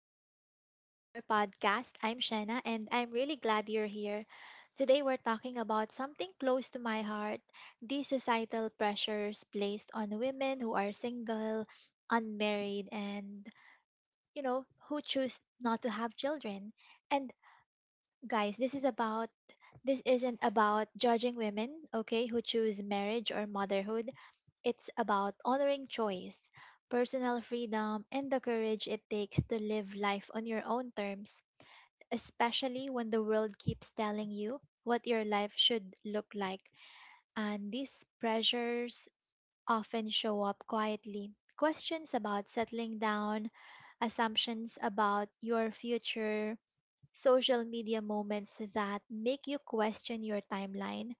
welcome to our podcast. I'm Shanna and I'm really glad you're here. Today we're talking about something close to my heart, the societal pressures placed on women who are single, unmarried, and who choose not to have children. And guys, this isn't about judging women, okay, who choose marriage or motherhood. It's about honoring choice, personal freedom, and the courage it takes to live life on your own terms, especially when the world keeps telling you what your life should look like. And these pressures often show up quietly. Questions about settling down, assumptions about your future, social media moments that make you question your timeline,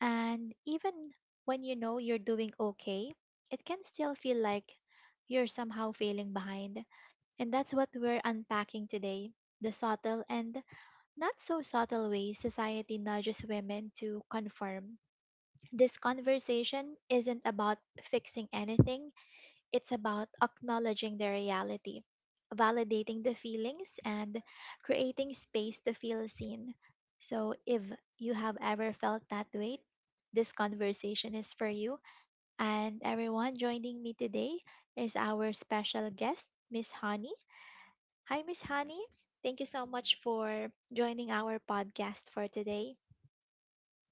and even when you know you're doing okay, it can still feel like you're somehow failing behind. And that's what we're unpacking today, the subtle and not so subtle ways society nudges women to conform. This conversation isn't about fixing anything, it's about acknowledging the reality, validating the feelings, and creating space to feel seen. So, if you have ever felt that weight, this conversation is for you. And everyone joining me today is our special guest, Miss Honey. Hi, Miss Honey. Thank you so much for joining our podcast for today.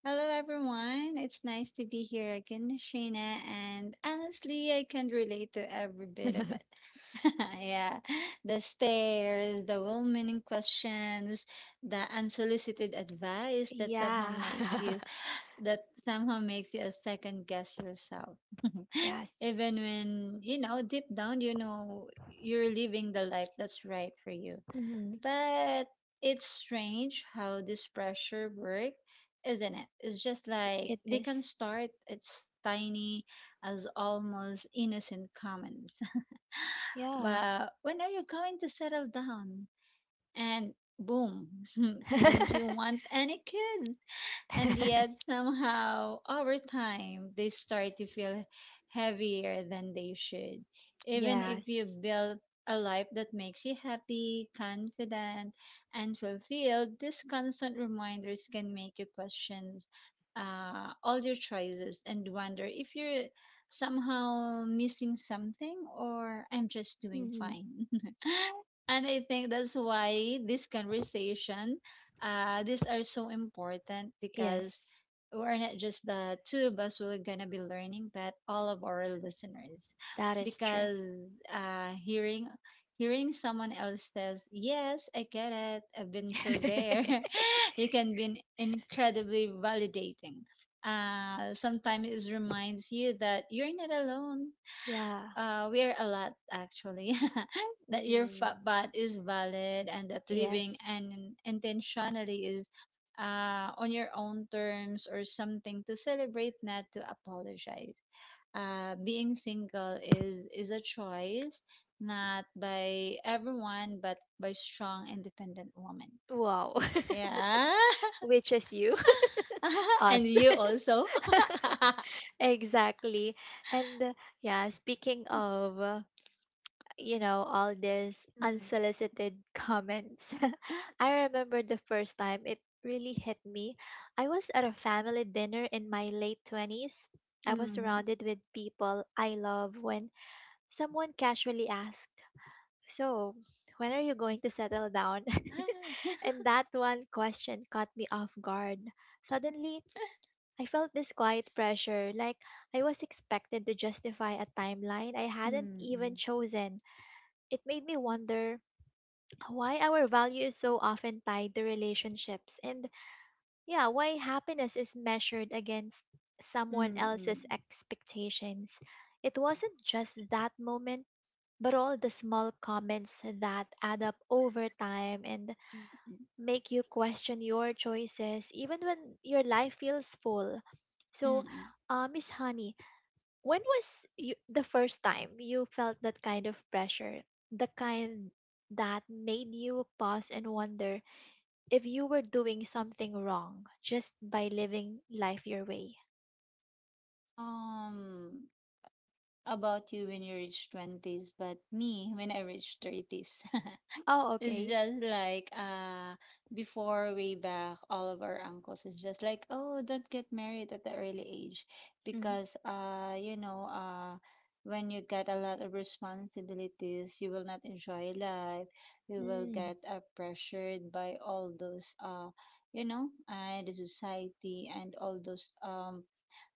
Hello, everyone. It's nice to be here again, Shayna. And honestly, I can relate to every bit of it. Yeah, the stares, the well meaning questions, the unsolicited advice that somehow Yeah. makes you, that somehow makes you a second guess yourself. Yes. Even when, you know, deep down, you know, you're living the life that's right for you. Mhm. But it's strange how this pressure work, isn't it? It's just like It they can is. start it's tiny as almost innocent comments. Yeah. But when are you going to settle down? And boom, don't you want any kids? And yet, somehow, over time, they start to feel heavier than they should. Even if you Yes. build a life that makes you happy, confident, and fulfilled, these constant reminders can make you question all your choices and wonder if you're somehow missing something or I'm just doing Hmm. fine. And I think that's why this conversation these are so important because Yes, we're not just the two of us who are going to be learning, but all of our listeners. that is true. Because uh, hearing hearing someone else says, "Yes, I get it. I've been so there," it can be incredibly validating. Sometimes it reminds you that you're not alone. Yeah. We're a lot actually. That your Mm. bat is valid and that living Yes. and intentionally is on your own terms or something to celebrate, not to apologize. Being single is a choice, not by everyone, but by strong, independent women. Wow. Yeah, Which is you? and Us. you also. Exactly. And yeah, speaking of, all these unsolicited comments, I remember the first time it really hit me. I was at a family dinner in my late 20s. I Mm. was Mhm. surrounded with people I love when someone casually asked, so, when are you going to settle down? And that one question caught me off guard. Suddenly, I felt this quiet pressure, like I was expected to justify a timeline I hadn't even Mm. chosen. It made me wonder why our value is so often tied to relationships, and yeah, why happiness is measured against someone else's Mm-mm. expectations. It wasn't just that moment but all the small comments that add up over time and Mm-mm. make you question your choices even when your life feels full. So, Mm-mm. Miss Honey, when was you, the first time you felt that kind of pressure? The kind that made you pause and wonder if you were doing something wrong just by living life your way? Um, about you when you reach 20s, but me when I reach 30s. Oh, It's okay. just like before way back, all of our uncles is just like, oh, don't get married at the early age Mm. because you know when you get a lot of responsibilities, you will not enjoy life. You will Mm. get pressured by all those you know the society and all those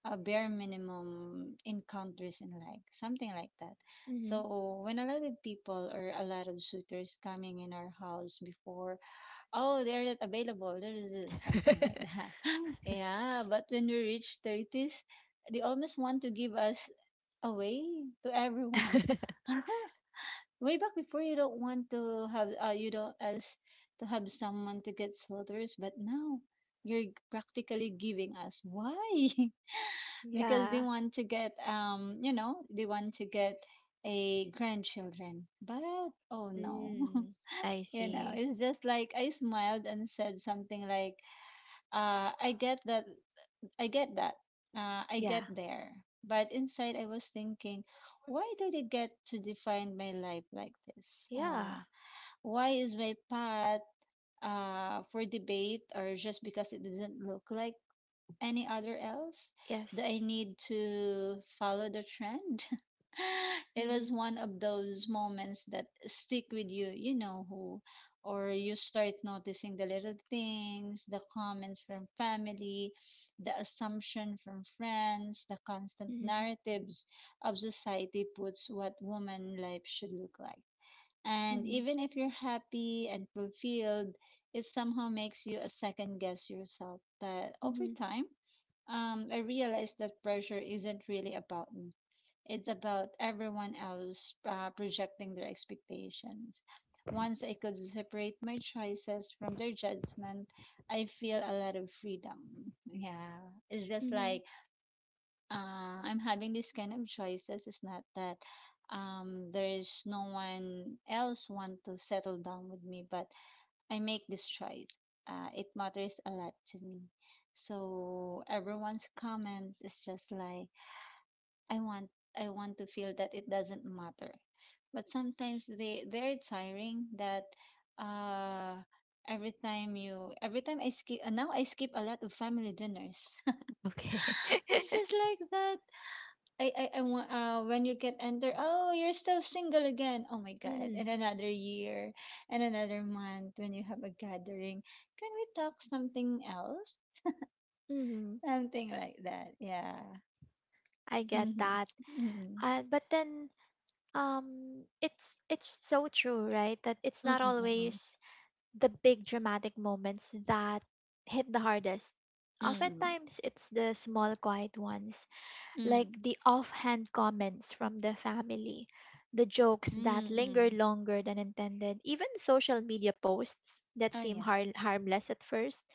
a bare minimum encounters in like something like that. Mm-hmm. So when a lot of people or a lot of suitors coming in our house before, oh, they're not available, there is this," something like that. Yeah, but when we reach thirties, they almost want to give us away to everyone. Way back before, you don't want to have you don't as to have someone to get suitors, but now you're practically giving us why. Because they Yeah. want to get you know they want to get a grandchildren but oh no. Mm. I You know, see. it's just like I smiled and said something like uh i get that i get that I get Yeah. there, but inside I was thinking why did I get to define my life like this, Yeah. why is my path for debate or just because it didn't look like any other else that Yes. I need to follow the trend? It was Mhm. one of those moments that stick with you, you know who, or you start noticing the little things, the comments from family, the assumption from friends, the constant Mhm. narratives of society puts what woman life should look like. And Mhm. even if you're happy and fulfilled, it somehow makes you a second guess yourself. But over Mhm. time, I realized that pressure isn't really about me. It's about everyone else projecting their expectations. Once I could separate my choices from their judgment, I feel a lot of freedom. Yeah, it's just Mhm. like I'm having this kind of choices. It's not that there is no one else want to settle down with me, but I make this choice. It matters a lot to me. So everyone's comment is just like I want I want to feel that it doesn't matter. But sometimes they're tiring that uh every time I skip, now I skip a lot of family dinners. Okay. It's just like that. I want when you get enter, oh, you're still single again. Oh my God. Mhm. And another year and another month when you have a gathering. Can we talk something else? Mhm. Something like that. Yeah. I get Mm-hmm. that. Mm-mm. But then it's so true, right? That it's not Mm-mm. always the big dramatic moments that hit the hardest. Mm-mm. Mm-mm. Oftentimes it's the small quiet ones like Mm-mm. the offhand comments from the family, the jokes that linger Mm-mm. longer than intended, even social media posts that Oh seem yeah. Harmless at first.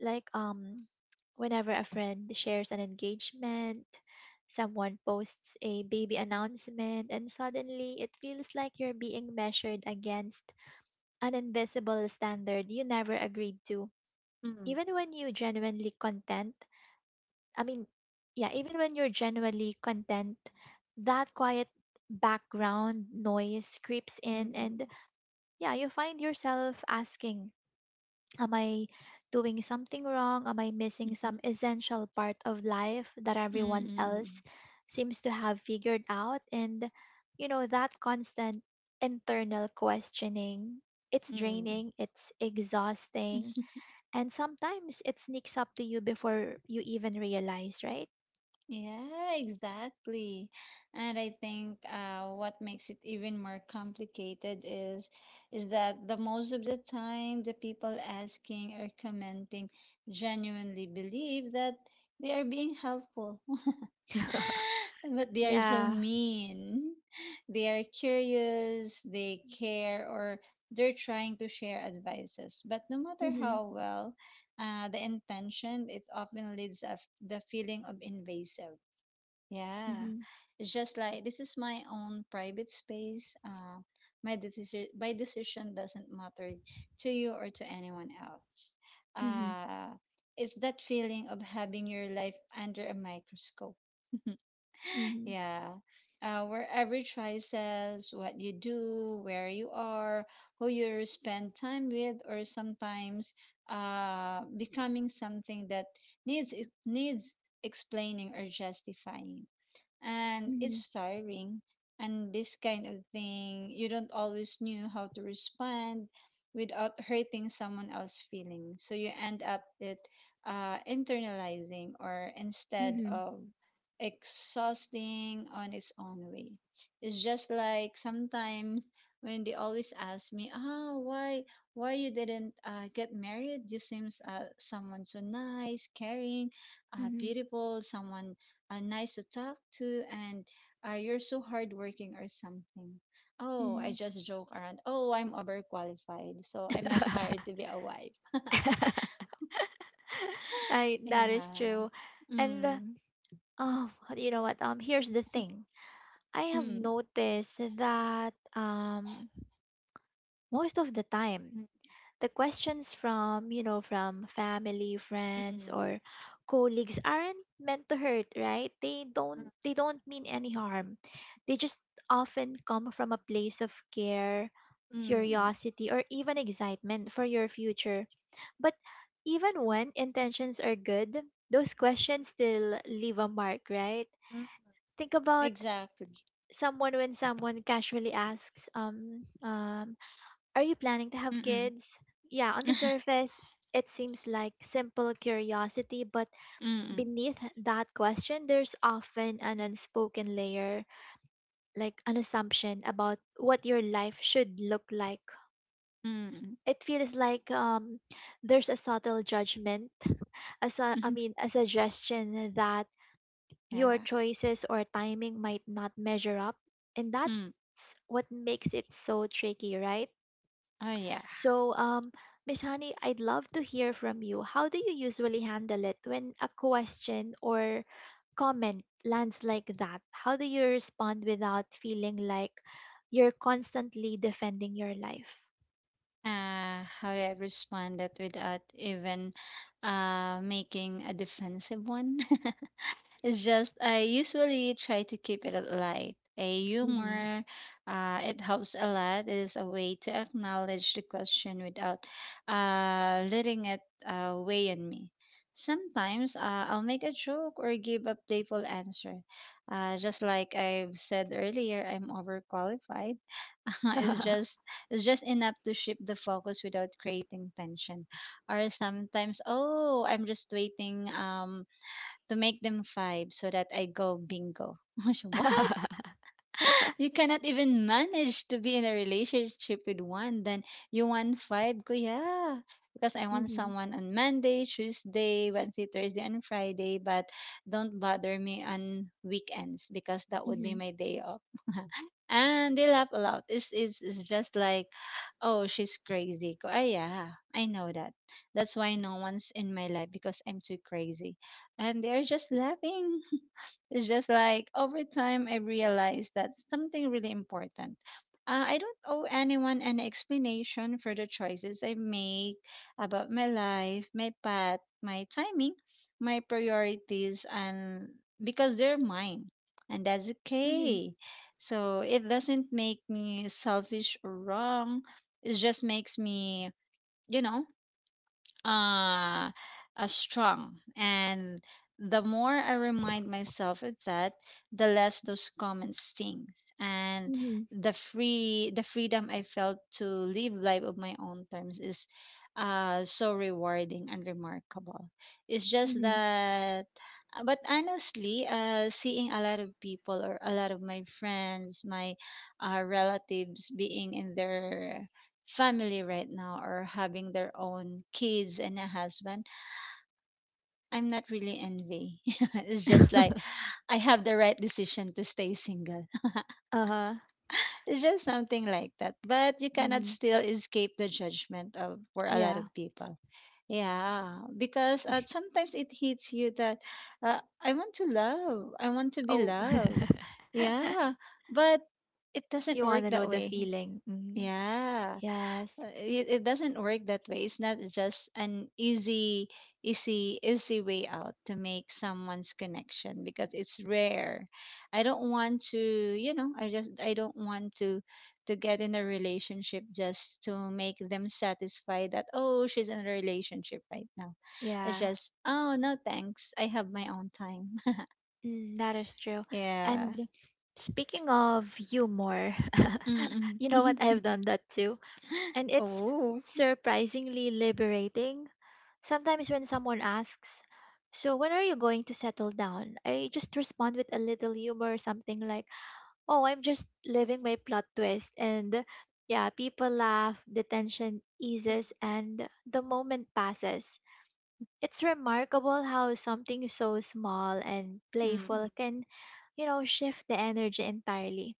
Like whenever a friend shares an engagement, someone posts a baby announcement and suddenly it feels like you're being measured against an invisible standard you never agreed to. Mm-mm. Even when you genuinely content, I mean, yeah, even when you're genuinely content, that quiet background noise creeps in, and Mm-mm. yeah, you find yourself asking, am I doing something wrong? Am I missing mm some essential part of life that hmm everyone else Mm-mm. seems to have figured out? And, you know, that constant internal questioning. It's Mm-mm. draining, it's exhausting, and sometimes it sneaks up to you before you even realize, right? Yeah, exactly. And I think what makes it even more complicated is that the most of the time the people asking or commenting genuinely believe that they are being helpful, but they are so Yeah. mean. They are curious, they care, or they're trying to share advices. But no matter Mhm. how well the intention, it often leads us the feeling of invasive. Yeah, Mhm. it's just like this is my own private space. My decision doesn't matter to you or to anyone else. Mhm. Uh, it's that feeling of having your life under a microscope. Mhm. Yeah, where every choice says what you do, where you are, who you spend time with, or sometimes becoming something that needs needs explaining or justifying, and Mhm. it's tiring. And this kind of thing, you don't always knew how to respond without hurting someone else's feelings. So you end up it, internalizing or instead Mhm. of exhausting on its own way. It's just like sometimes when they always ask me, "Ah, why you didn't get married? You seems someone so nice, caring, Mhm. beautiful, someone nice to talk to and you're so hardworking or something. Oh, I Mhm. just joke around. Oh, I'm overqualified, so I'm not hired to be a wife. I that is Yeah. true. And Mm. oh, you know what? Here's the thing. I have Mm. noticed that most of the time Mm. the questions from from family friends Mm. or colleagues aren't meant to hurt, right? They don't mean any harm, they just often come from a place of care, Mm. curiosity, or even excitement for your future, but even when intentions are good those Mm. questions still leave a mark, right? Mm. think about Exactly. someone when someone casually asks, are you planning to have Mm-mm. kids? Yeah, on the surface, it seems like simple curiosity, but Mm-mm. beneath that question, there's often an unspoken layer, like an assumption about what your life should look like. Mm-mm. It feels like there's a subtle judgment, I mean, a suggestion that your Yeah. choices or timing might not measure up. And that's Mm. what makes it so tricky, right? Oh yeah. So, Miss Honey, I'd love to hear from you. How do you usually handle it when a question or comment lands like that? How do you respond without feeling like you're constantly defending your life? How do I respond that without even making a defensive one? It's just I usually try to keep it light. A Mm-hmm. humor, it helps a lot. It is a way to acknowledge the question without letting it weigh on me. Sometimes I'll make a joke or give a playful answer. Just like I've said earlier, I'm overqualified. it's just it's just enough to shift the focus without creating tension. Or sometimes, oh, I'm just waiting. To make them five so that I go bingo. I was, what? You cannot even manage to be in a relationship with one. Then you want five, kuya. Because I want Mm-hmm. someone on Monday, Tuesday, Wednesday, Thursday, and Friday. But don't bother me on weekends because that would be Mm-hmm. my day off. And they laugh a lot. It's just like, oh, she's crazy. Ko, ah, yeah, I know that. That's why no one's in my life because I'm too crazy. And they're just laughing. It's just like over time, I realized that something really important. I don't owe anyone an explanation for the choices I make about my life, my path, my timing, my priorities, and because they're mine, and that's Mm-hmm. okay. So it doesn't make me selfish or wrong. It just makes me, you know, uh, strong. And the more I remind myself of that, the less those comments sting. And Mm-hmm. The freedom I felt to live life of my own terms is so rewarding and remarkable. It's just Mm-hmm. that but honestly, seeing a lot of people or a lot of my friends my relatives being in their family right now or having their own kids and a husband, I'm not really envy. It's just like I have the right decision to stay single. Uh-huh. It's just something like that. But you cannot Mm-hmm. still escape the judgment of for a lot Yeah. of people. Yeah, because sometimes it hits you that I want to love, I want to be Oh. loved. Yeah, but it doesn't You want work to know that the way. feeling. Mm-hmm. Yeah. Yes. It, it doesn't work that way. It's not just an easy, easy way out to make someone's connection because it's rare. I don't want to, you know, I don't want to get in a relationship just to make them satisfied that oh she's in a relationship right now. It's Yeah. just oh no thanks. I have my own time. Mm, that is true. Yeah. And speaking of humor, Mm-mm. you know what? I've done that too. And it's Oh. surprisingly liberating. Sometimes when someone asks, so when are you going to settle down? I just respond with a little humor something like, oh, I'm just living my plot twist. And yeah, people laugh, the tension eases, and the moment passes. It's remarkable how something so small and Mm-mm. playful can, you know, shift the energy entirely.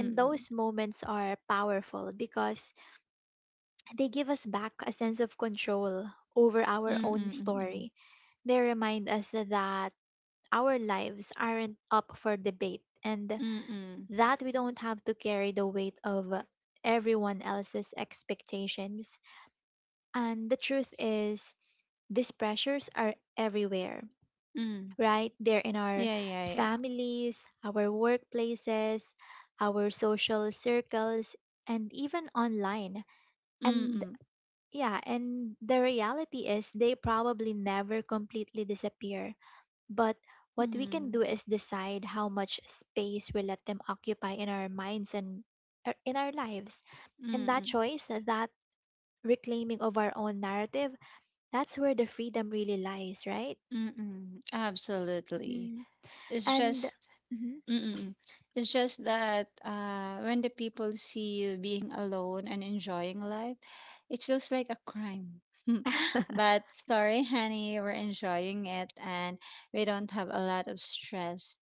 And those moments are powerful because they give us back a sense of control over our own Mm-mm. story. They remind us that our lives aren't up for debate and Mm-mm. that we don't have to carry the weight of everyone else's expectations. And the truth is, these pressures are everywhere, Mm. right? They're in our Yeah, yeah, yeah. families, our workplaces, our social circles, and even online. And Mm-mm. yeah, and the reality is they probably never completely disappear. But what we can Mm. do is decide how much space we let them occupy in our minds and in our lives. And that Mm-mm. choice, that reclaiming of our own narrative, that's where the freedom really lies, right? Mm-mm. Absolutely. Mm. It's And just mhm. mm-mm. It's just that when the people see you being alone and enjoying life, it feels like a crime. But sorry, honey, we're enjoying it and we don't have a lot of stress.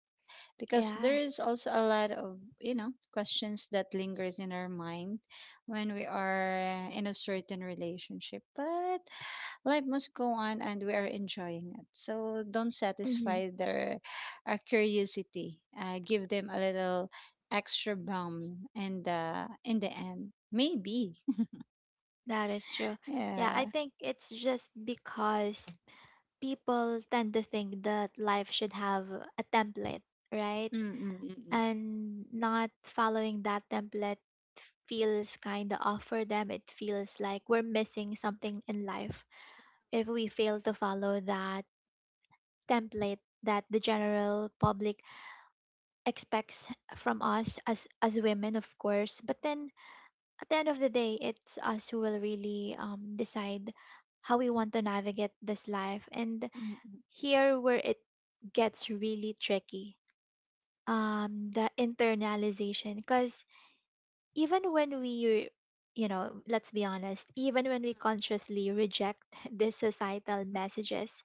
Because there Yeah, is also a lot of you know questions that lingers in our mind when we are in a certain relationship, but life must go on and we are enjoying it, so don't mhm, satisfy their curiosity. Give them a little extra bomb and the in the end maybe. that is true. Yeah, Yeah. I think it's just because people tend to think that life should have a template, right? Mm. Mm. Mm. And not following that template feels kind of off for them. It feels like we're missing something in life if we fail to follow that template that the general public expects from us as women, of course. But then at the end of the day, it's us who will really decide how we want to navigate this life. And Mm. Mm. Mm. here where it gets really tricky, the internalization. Because even when we, you know, let's be honest, even when we consciously reject these societal messages,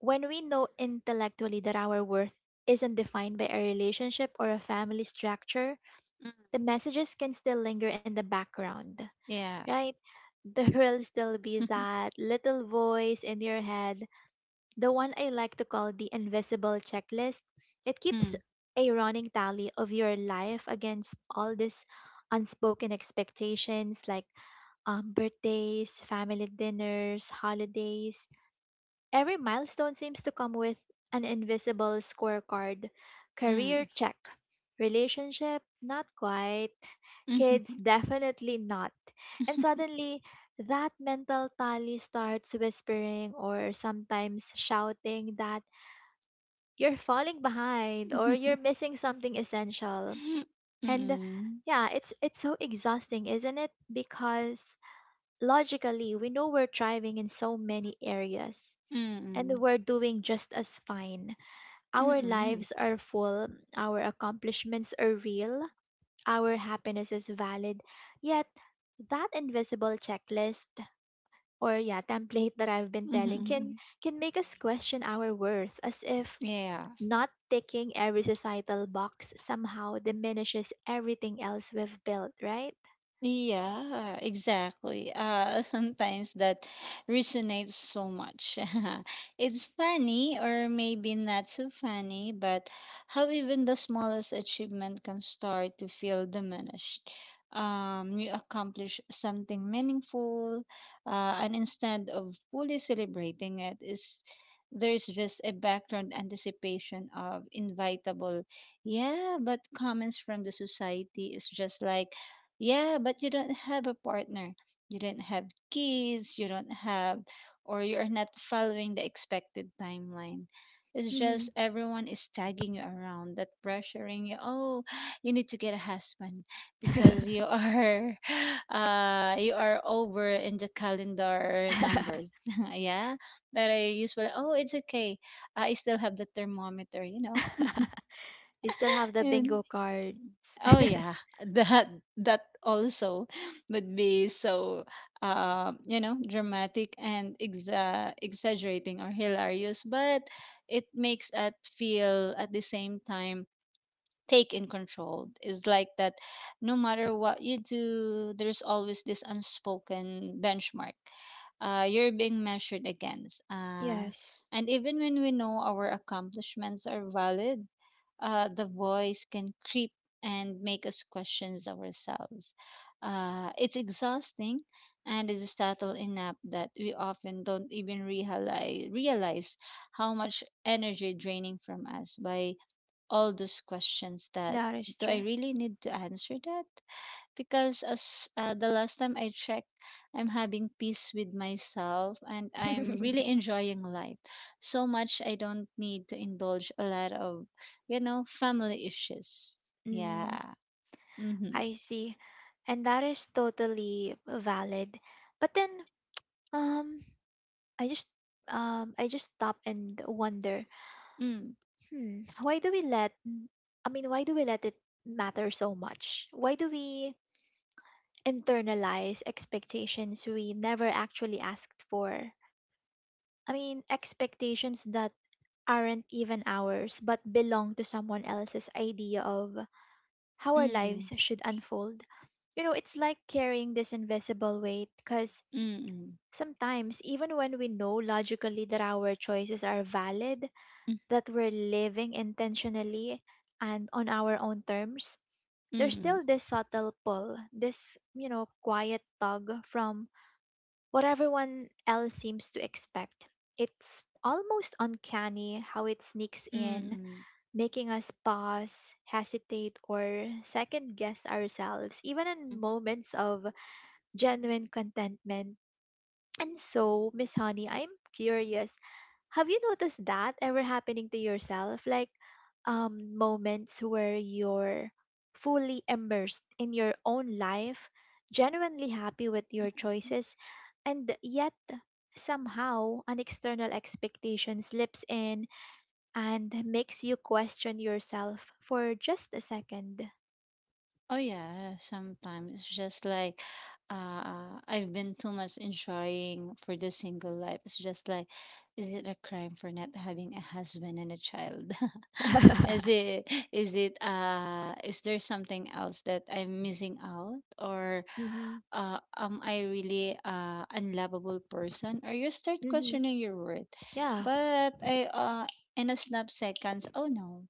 when we know intellectually that our worth isn't defined by a relationship or a family structure, Mm, the mm. messages can still linger in the background, Yeah. right? There'll still be that little voice in your head, the one I like to call the invisible checklist. It keeps a running tally of your life against all these unspoken expectations like birthdays, family dinners, holidays. Every milestone seems to come with an invisible scorecard, career mm check, relationship, not quite, kids, mm definitely not. And suddenly, that mental tally starts whispering or sometimes shouting that you're falling behind or you're missing something essential. And mm yeah, it's so exhausting, isn't it? Because logically, we know we're thriving in so many areas, and Mm. we're doing just as fine. Our Mm. lives are full, our accomplishments are real, our happiness is valid, yet that invisible checklist or yeah template that I've been Mhm, telling mhm, can mhm. Make us question our worth as if Yeah, not ticking every societal box somehow diminishes everything else we've built, right? Yeah, exactly. Sometimes that resonates so much. It's funny, or maybe not so funny, but how even the smallest achievement can start to feel diminished. You accomplish something meaningful, and instead of fully celebrating it, is there's just a background anticipation of invitable, yeah, but comments from the society is just like yeah, but you don't have a partner. You don't have kids, you don't have, or you're not following the expected timeline. It's just Hmm. everyone is tagging you around, that pressuring you. Oh, you need to get a husband because you are, you are over in the calendar numbers. Yeah, that I usually. Oh, it's okay. I still have the thermometer, you know. You still have the bingo cards. Oh yeah, that that also would be so you know, dramatic and exaggerating or hilarious, but it makes us feel at the same time take in control is like that, no matter what you do there's always this unspoken benchmark. You're being measured against. Yes, And even when we know our accomplishments are valid, the voice can creep and make us question ourselves. It's exhausting, and it's subtle enough that we often don't even realize how much energy draining from us by all those questions that, that is do I true. really need to answer that? Because as the last time I checked, I'm having peace with myself and I'm really enjoying life so much I don't need to indulge a lot of, family issues. Mm. Yeah. Mm-hmm. I see. And that is totally valid. But then um I just I just stop and wonder, Mm. hmm, why do we let I mean, why do we let it matter so much? Why do we internalize expectations we never actually asked for? I mean, expectations that aren't even ours but belong to someone else's idea of how our Mm. lives should unfold. You know, it's like carrying this invisible weight because Mm. sometimes, even when we know logically that our choices are valid, Mm. that we're living intentionally and on our own terms, there's Mm. still this subtle pull, this, you know, quiet tug from what everyone else seems to expect. It's almost uncanny how it sneaks in, Mm. making us pause, hesitate, or second guess ourselves, even in Mm. moments of genuine contentment. And so, Miss Honey, I'm curious. Have you noticed that ever happening to yourself? Like moments where you're fully immersed in your own life, genuinely happy with Mm. your Mm. choices, and yet somehow an external expectation slips in and makes you question yourself for just a second. Oh yeah, sometimes it's just like I've been too much enjoying for the single life. It's just like, is it a crime for not having a husband and a child? Is it is it, is there something else that I'm missing out or Mm-hmm. uh, am I really unlovable person? Or you start Mm-hmm. questioning your worth. Yeah. But in a snap seconds, oh no,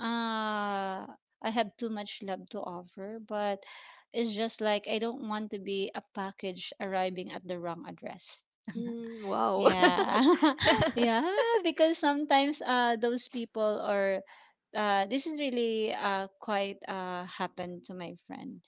uh, I have too much love to offer. But it's just like I don't want to be a package arriving at the wrong address. Mm, wow. Yeah. Yeah, because sometimes those people are, this is really quite happened to my friend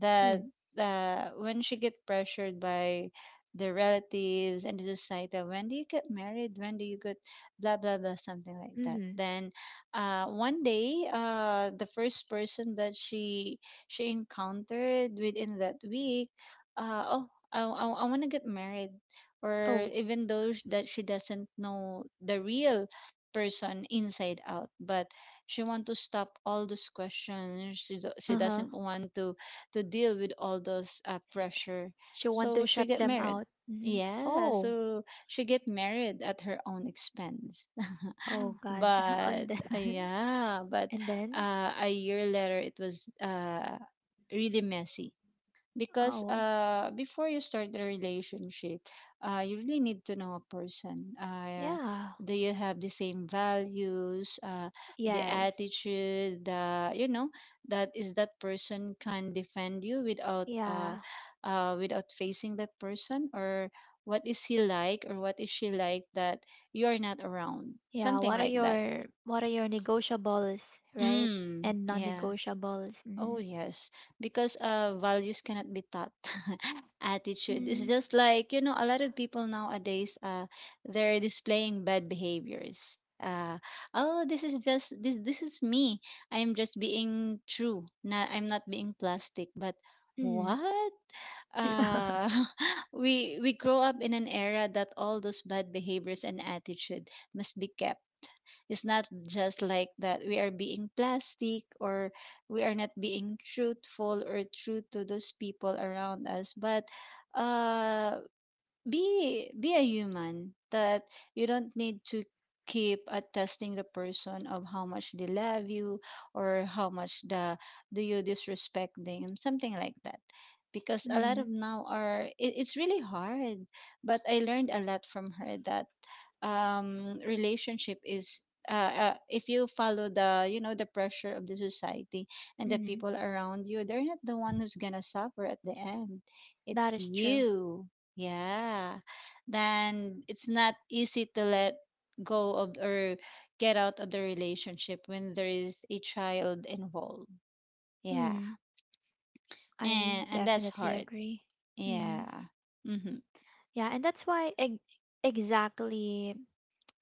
that Mm, when she get pressured by the relatives and the society, when do you get married, when do you get blah blah blah, something like that, mm-hmm. then one day the first person that she encountered within that week, oh, I want to get married, or Oh. even though that she doesn't know the real person inside out, but she want to stop all those questions she, she Uh-huh. doesn't want to deal with all those pressure, She want to so shut she get them married, out. Hmm. yeah, Oh, so she get married at her own expense, oh God. but And then, uh, yeah but and then, a year later it was really messy because oh before you start the relationship, you really need to know a person. yeah, Do you have the same values, the yes, attitude, the, you know, that is that person can defend you without uh yeah, uh without facing that person, or what is he like or what is she like that you are not around, yeah. something What are like that. your negotiables, right? Mm, And yeah. non-negotiables. Mm-hmm. Oh yes, because values cannot be taught. Attitude is Mm-hmm. just like, you know, a lot of people nowadays they're displaying bad behaviors. Oh, this is me. I'm just being true. Not I'm not being plastic. But what? Uh, we grow up in an era that all those bad behaviors and attitude must be kept. It's not just like that we are being plastic or we are not being truthful or true to those people around us, but uh be a human that you don't need to keep at testing the person of how much they love you, or how much the do you disrespect them, something like that, because a lot of Mm-hmm. now are it's really hard. But I learned a lot from her that, relationship is, if you follow the, you know, the pressure of the society and the Mm-hmm. people around you, they're not the one who's gonna suffer at the end, That it's is true. you. Yeah. Then it's not easy to let go of or get out of the relationship when there is a child involved. Yeah. Mm, I And that's definitely hard. agree. Mm, Yeah. Mhm. yeah, and that's why exactly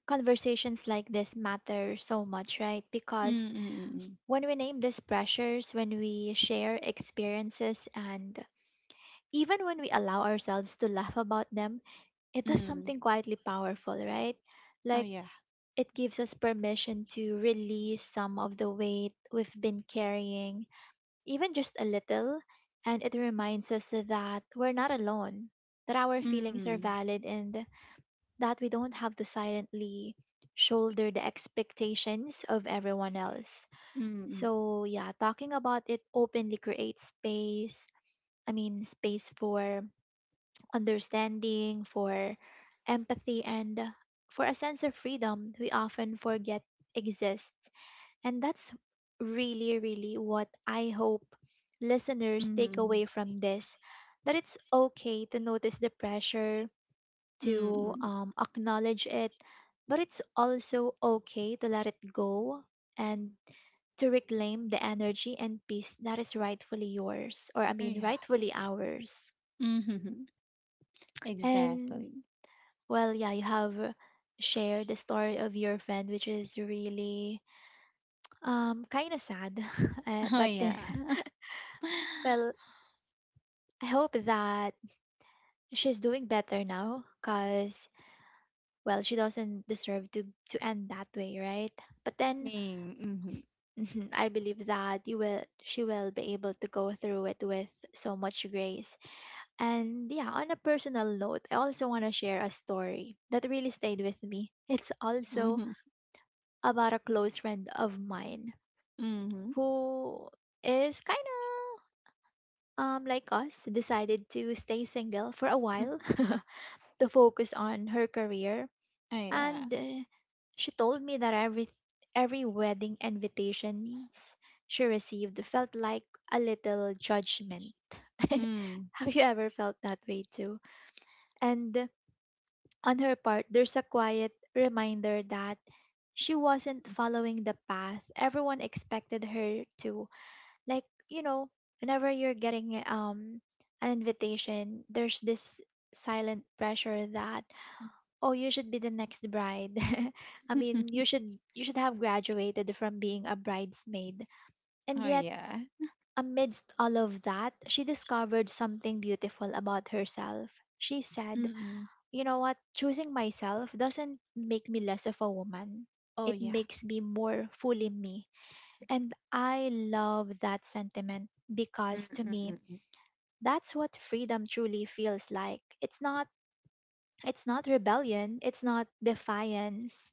conversations like this matter so much, right? Mm Because mm mm. Mm. When we name these pressures, when we share experiences, and even when we allow ourselves to laugh about them, it does Mm. something quietly powerful, right? Oh Like yeah. it gives us permission to release some of the weight we've been carrying, even just a little, and it reminds us that we're not alone, that our feelings are Mm. valid, and that we don't have to silently shoulder the expectations of everyone else. Mm. So, yeah, talking about it openly creates space. I mean, space for understanding, for empathy, and for a sense of freedom we often forget exists. And that's really, really what I hope listeners take Mm. away from this, that it's okay to notice the pressure, Mm. Mm, mm, to mm. Acknowledge it, but it's also okay to let it go and to reclaim the energy and peace that is rightfully yours, or I Oh mean, yeah. rightfully ours. Mhm. And Exactly. well, yeah, you have shared the story of your friend, which is really kind of sad, Oh but then yeah. well, I hope that she's doing better now, cause well, she doesn't deserve to end that way, right? But then Mm. Mhm. Mhm, I believe that you will she will be able to go through it with so much grace. And yeah, on a personal note, I also want to share a story that really stayed with me. It's also Mhm. about a close friend of mine Mhm. who is kind of like us, decided to stay single for a Mm. while to focus on her career, Oh yeah. and she told me that every wedding invitations she received felt like a little judgment. Mm. Have you ever felt that way too? And on her part, there's a quiet reminder that she wasn't following the path everyone expected her to. Like, you know, whenever you're getting an invitation, there's this silent pressure that, oh, you should be the next bride. I mean, you should have graduated from being a bridesmaid. And Oh, yet, yeah. amidst all of that, she discovered something beautiful about herself. She said, Mm-mm. "You know what? Choosing myself doesn't make me less of a woman. Oh, It yeah. makes me more fully me." And I love that sentiment because to me, Mm-mm-mm. that's what freedom truly feels like. It's not rebellion, it's not defiance,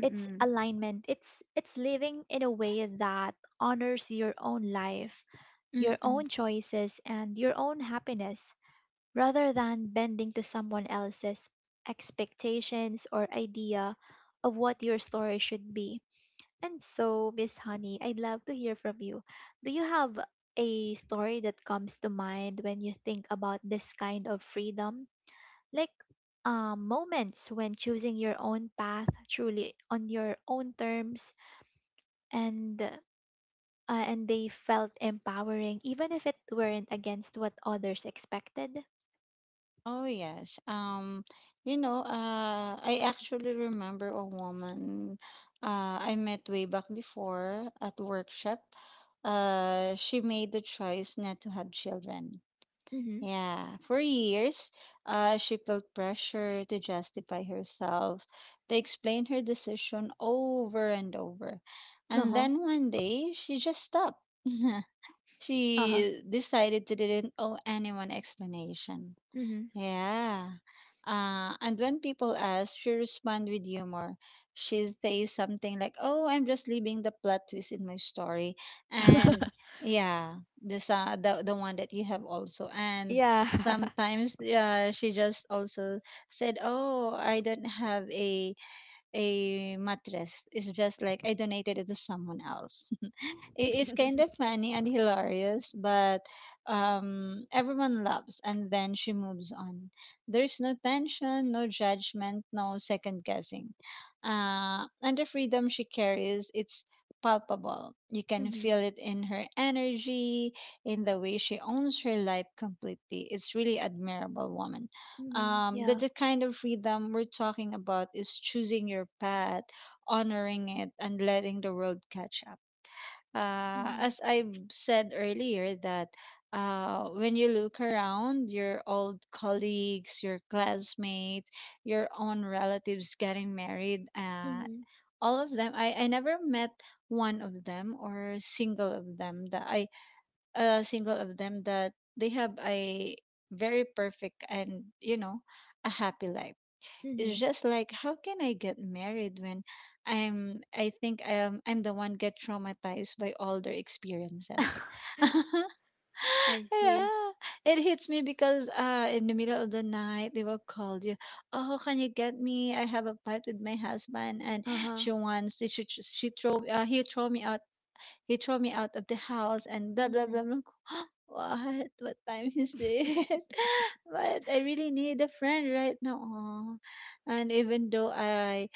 it's alignment, it's living in a way that honors your own life, your Mm-mm. own choices, and your own happiness, rather than bending to someone else's expectations or idea of what your story should be. And so, Miss Honey, I'd love to hear from you. Do you have a story that comes to mind when you think about this kind of freedom? Like, moments when choosing your own path truly on your own terms, and and they felt empowering even if it weren't against what others expected. Oh, yes. You know, I actually remember a woman I met way back before at workshop. She made the choice not to have children. Mm-hmm. Yeah, for years, she felt pressure to justify herself. They explained her decision over and over. And Uh-huh. then one day, she just stopped. Uh-huh. She decided to didn't owe anyone explanation. Mm-hmm. Yeah. And when people ask, she respond with humor. She says something like, "Oh, I'm just leaving the plot twist in my story," and yeah, this the one that you have also. And Yeah. sometimes, she just also said, "Oh, I don't have a mattress. It's just like I donated it to someone else." It is kind of funny and hilarious, but everyone loves. And then she moves on. There's no tension, no judgment, no second guessing. And the freedom she carries, it's palpable. You can Mhm. feel it in her energy, in the way she owns her life completely. It's really admirable woman. Mhm. Yeah. The kind of freedom we're talking about is choosing your path, honoring it, and letting the world catch up. Uh, Mhm. as I said earlier, that when you look around, your old colleagues, your classmates, your own relatives getting married, Mhm. all of them, I never met one of them or single of them that I a single of them that they have a very perfect and, you know, a happy life. It's Mhm. just like how can I get married when I'm the one get traumatized by all their experiences. I see. Yeah, it hits me because in the middle of the night they will call you, oh, can you get me, I have a fight with my husband, and Uh-huh. she wants she throw he throw me out he threw me out of the house and blah blah blah. Mhm. blah. What? What time is it? But I really need a friend right now. Aw. And even though I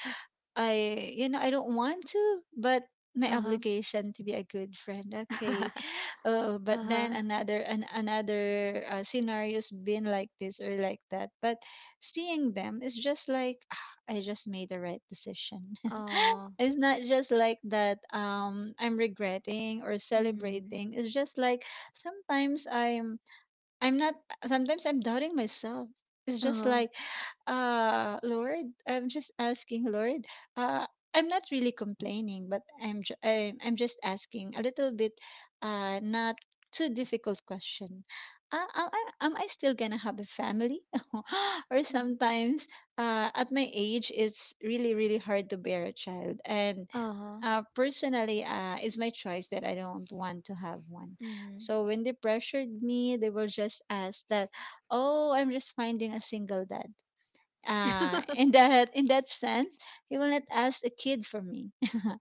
I you know, I don't want to, but my Uh-huh. obligation to be a good friend. Okay. Oh but then Uh-huh. Another scenario's been like this or like that, but seeing them is just like, "Ah, I just made the right decision." Oh. It's not just like that, I'm regretting or Mhm. celebrating, it's just like sometimes I'm not sometimes I'm doubting myself. It's just Uh-huh. like, Lord, I'm just asking, Lord, uh, I'm not really complaining, but I'm just asking a little bit, not too difficult question. Am I still gonna have a family? Or sometimes, at my age, it's really really hard to bear a child, and Uh-huh. personally, it's my choice that I don't want to have one. Mhm. So when they pressured me, they will just ask that, "Oh, I'm just finding a single dad." In that in that sense, he will not ask a kid for me.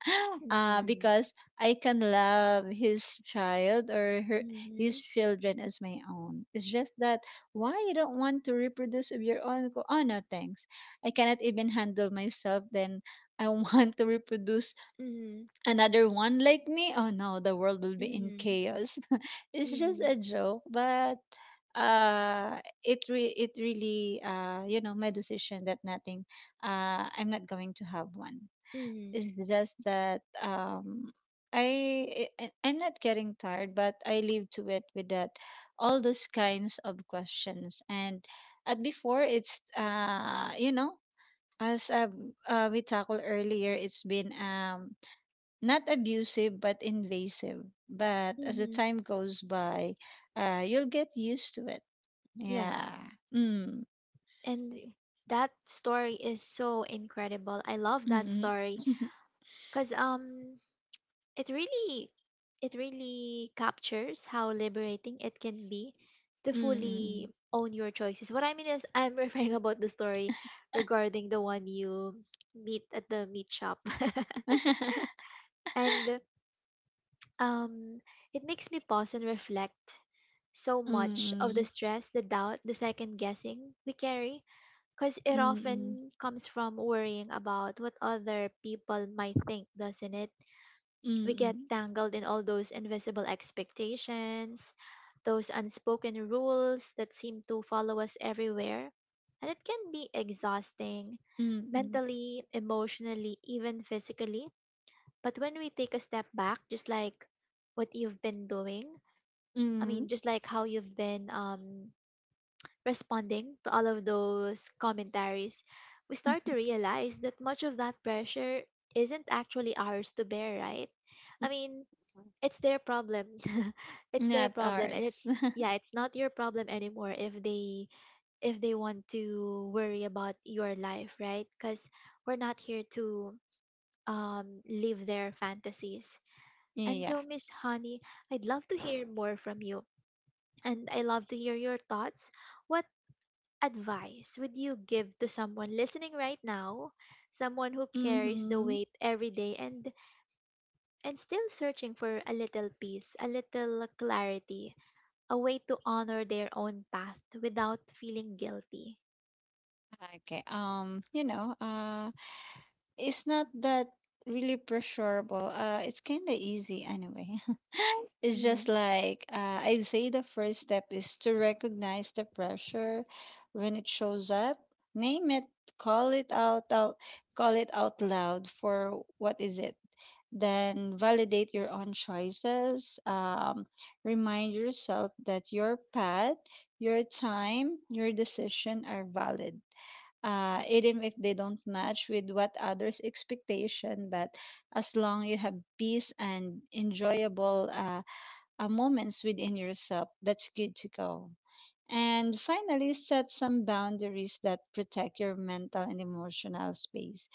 Mhm. Because I can love his child or her, his Mhm. children as my own. It's just that, why you don't want to reproduce of your own? Ko, oh no, thanks. I cannot even handle myself. Then I want to reproduce Mhm. another one like me? Oh no, the world will be in Mhm. chaos. It's Mhm. just Mhm. a joke, but it really, you know, my decision that nothing, I'm not going to have one. It's just that I I'm not getting tired, but I live to it with that all those kinds of questions. And at before it's, you know, as we tackled earlier, it's been not abusive but invasive. But as the Hmm. time goes by, you'll get used to it. Yeah. Yeah. Mm. And that story is so incredible. I love that Mm. story because it really it really captures how liberating it can be to Mm. fully own your choices. What I mean is I'm referring about the story regarding the one you meet at the meat shop. And um it makes me pause and reflect so much of the Mm. stress, the doubt, the second guessing we carry. Because it Mm. often comes from worrying about what other people might think, doesn't it? We get Mm. tangled in all those invisible expectations, those unspoken rules that seem to follow us everywhere. And it can be exhausting, Mm. mentally, emotionally, even physically. But when we take a step back, just like what you've been doing, I Mm. mean, just like how you've been responding to all of those commentaries, we start to realize that much of that pressure isn't actually ours to bear, right? Mm. I mean, it's their problem. It's their Not problem, ours. and it's, yeah, it's not your problem anymore if they, if they want to worry about your life, right? Cuz we're not here to live their fantasies. And Yeah. so Miss Honey, I'd love to hear more from you, and I love to hear your thoughts. What advice would you give to someone listening right now, someone who carries the Mm-hmm. weight every day, and still searching for a little peace, a little clarity, a way to honor their own path without feeling guilty? Okay. You know. It's not that really pressurable. It's kind of easy anyway. It's just Mhm. like, I'd say the first step is to recognize the pressure when it shows up. Name it, call it out, call it out loud for what is it. Then validate your own choices. Remind yourself that your path, your time, your decision are valid even if they don't match with what others' expectation. But as long you have peace and enjoyable moments within yourself, that's good to go. And finally, set some boundaries that protect your mental and emotional space.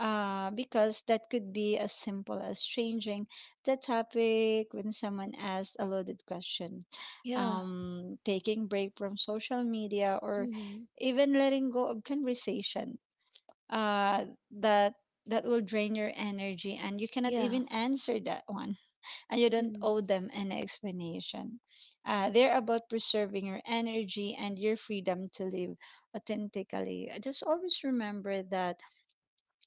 Because that could be as simple as changing the topic when someone asks a loaded question, Yeah. Taking break from social media, or Mhm. even letting go of conversation uh that that will drain your energy and you cannot Yeah. even answer that one, and you don't Mhm. owe them an explanation. They're about preserving your energy and your freedom to live authentically. Just always remember that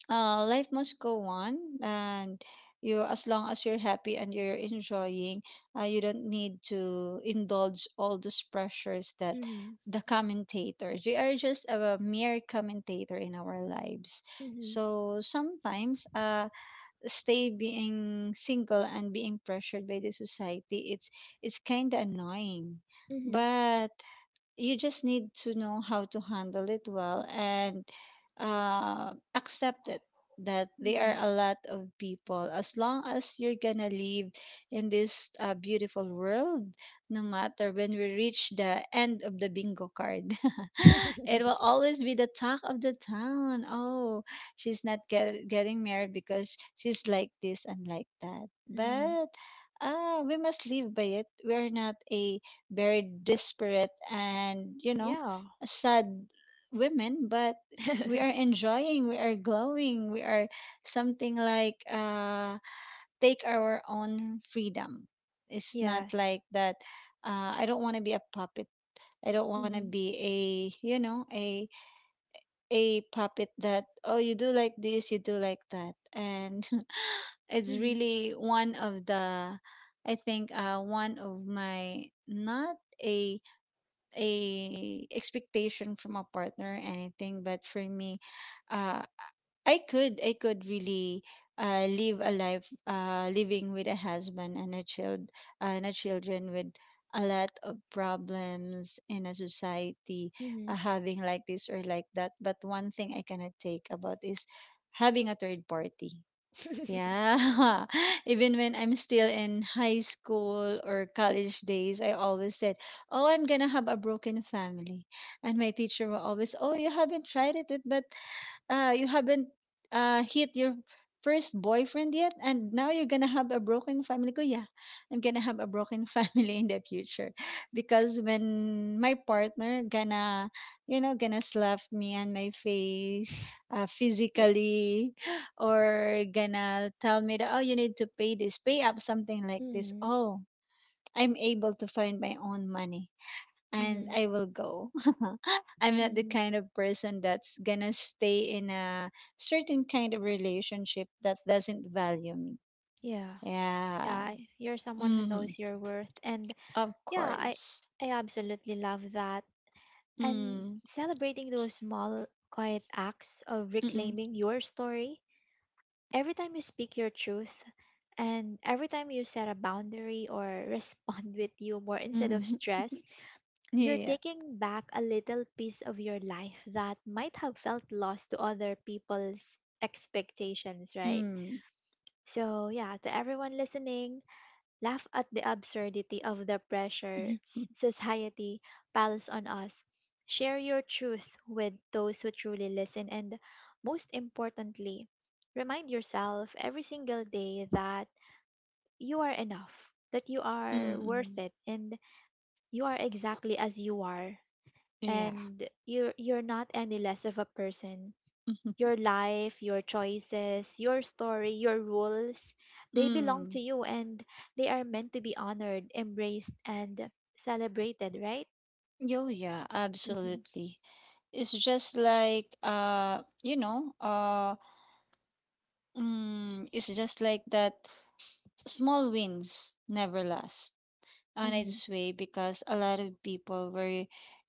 life must go on, and you as long as you're happy and you're enjoying, you don't need to indulge all those pressures that Mhm. the commentators, we are just a mere commentator in our lives. Mhm. So sometimes stay being single and being pressured by the society, it's kind of annoying. Mhm. But you just need to know how to handle it well, and accept it that there are Mhm. a lot of people. As long as you're gonna live in this beautiful world, no matter when we reach the end of the bingo card, it will always be the talk of the town. Oh, she's not getting married because she's like this and like that. Mhm. But we must live by it. We're not a very disparate and, you know, Yeah. sad women, but we are enjoying, we are glowing, we are something like take our own freedom. It's not Yes. like that. I don't want to be a puppet. I don't want to Mhm. be a, you know, a puppet that, oh, you do like this, you do like that. And it's Mhm. really one of the, I think one of my, not a, a expectation from a partner or anything, but for me, uh I could, I could really live a life living with a husband and a child and a children with a lot of problems in a society, Mhm. having like this or like that. But one thing I cannot take about is having a third party. Yeah. Even when I'm still in high school or college days, I always said, oh, I'm going to have a broken family. And my teacher will always, oh, you haven't tried it, but you haven't hit your first boyfriend yet, and now you're gonna have a broken family ko. Yeah, I'm gonna have a broken family in the future, because when my partner gonna, you know, gonna slap me on my face, physically, or gonna tell me that, oh, you need to pay this, pay up something like this. Mhm. Oh, I'm able to find my own money, and Mhm. I will go. I'm not the Mhm. kind of person that's gonna stay in a certain kind of relationship that doesn't value me. Yeah. Yeah. Yeah, you're someone who Mm-hmm. knows your worth. And Of yeah, course. I absolutely love that. And Mm. celebrating those small quiet acts of Mm-mm. reclaiming your story, every time you speak your truth and every time you set a boundary or respond with humor instead of Mm-mm. stress, you're Yeah. taking back a little piece of your life that might have felt lost to other people's expectations, right? Mm. So, yeah, to everyone listening, laugh at the absurdity of the pressures Mhm. society piles on us. Share your truth with those who truly listen, and most importantly, remind yourself every single day that you are enough, that you are worth Mm-mm. it, and you are exactly as you are, Yeah. and you're not any less of a person. Mhm. Your life, your choices, your story, your rules, they belong to Mm. you and they are meant to be honored, embraced, and celebrated, right? Yo, yeah, Mm-hmm. absolutely. It's just like you know, it's just like that small wins never last on Mm-hmm. its way, because a lot of people were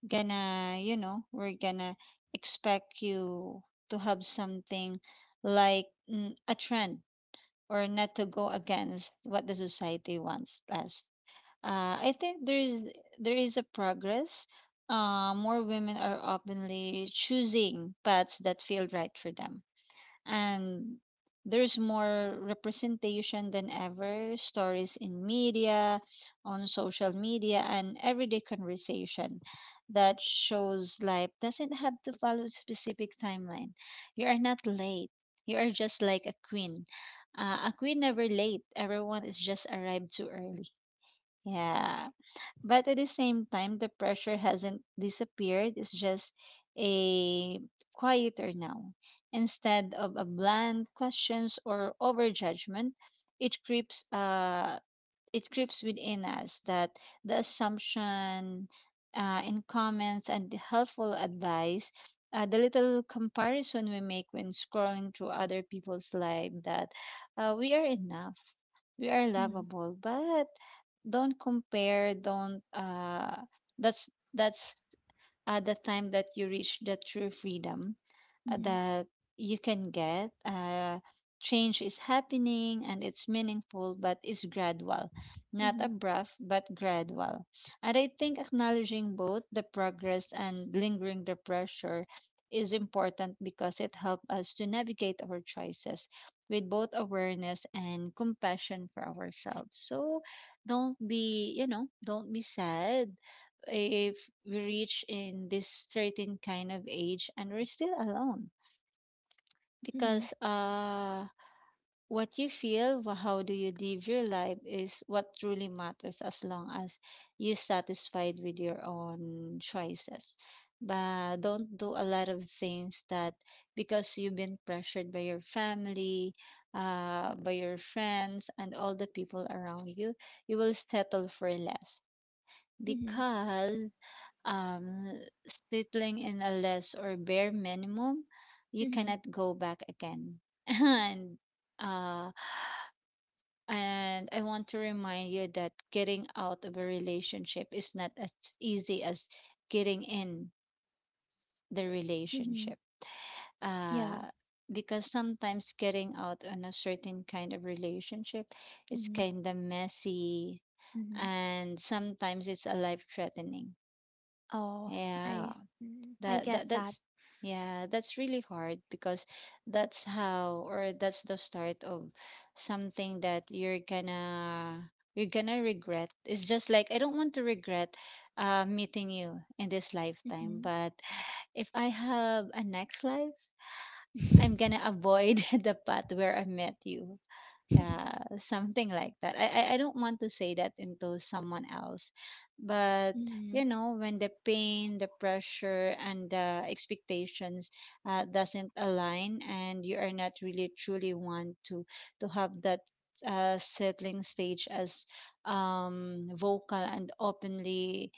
gonna, you know, were gonna expect you to have something like, a trend, or not to go against what the society wants us. I think there is, there is a progress. More women are openly choosing paths that feel right for them, and there's more representation than ever, stories in media, on social media, and everyday conversation that shows life doesn't have to follow a specific timeline. You are not late. You are just like a queen. A queen never late, everyone is just arrived too early. Yeah. But at the same time, the pressure hasn't disappeared. It's just a quieter now. Instead of a bland questions or overjudgment, it creeps, it creeps within us, that the assumption, in comments and the helpful advice, the little comparison we make when scrolling through other people's life, that we are enough, we are Mm-hmm. lovable, but don't compare, don't, that's the time that you reach the true freedom Mm-hmm. that you can get. Change is happening and it's meaningful, but it's gradual, not Mm-hmm. abrupt, but gradual. And I think acknowledging both the progress and lingering the pressure is important, because it helps us to navigate our choices with both awareness and compassion for ourselves. So don't be, you know, don't be sad if we reach in this certain kind of age and we're still alone, Mm-hmm. because what you feel, how do you live your life is what truly matters, as long as you're satisfied with your own choices. But don't do a lot of things that, because you've been pressured by your family, by your friends and all the people around you, you will settle for less, Mm-hmm. because um, settling in a less or bare minimum, you Mm-hmm. cannot go back again. And uh, and I want to remind you that getting out of a relationship is not as easy as getting in the Mm-hmm. relationship. Yeah. Uh, because sometimes getting out on a certain kind of relationship is Mm-hmm. kind of messy, Mm-hmm. and sometimes it's a life threatening. Oh, I Yeah. I get that. That's, yeah, that's really hard, because that's how, or that's the start of something that you're gonna, you're gonna regret. It's just like, I don't want to regret meeting you in this lifetime. Mm-hmm. But if I have a next life, I'm gonna avoid the path where I met you. Yeah, something like that. I don't want to say that into someone else, but, Mm-hmm. you know, when the pain, the pressure, and the expectations doesn't align, and you are not really truly want to have that settling stage as vocal and openly,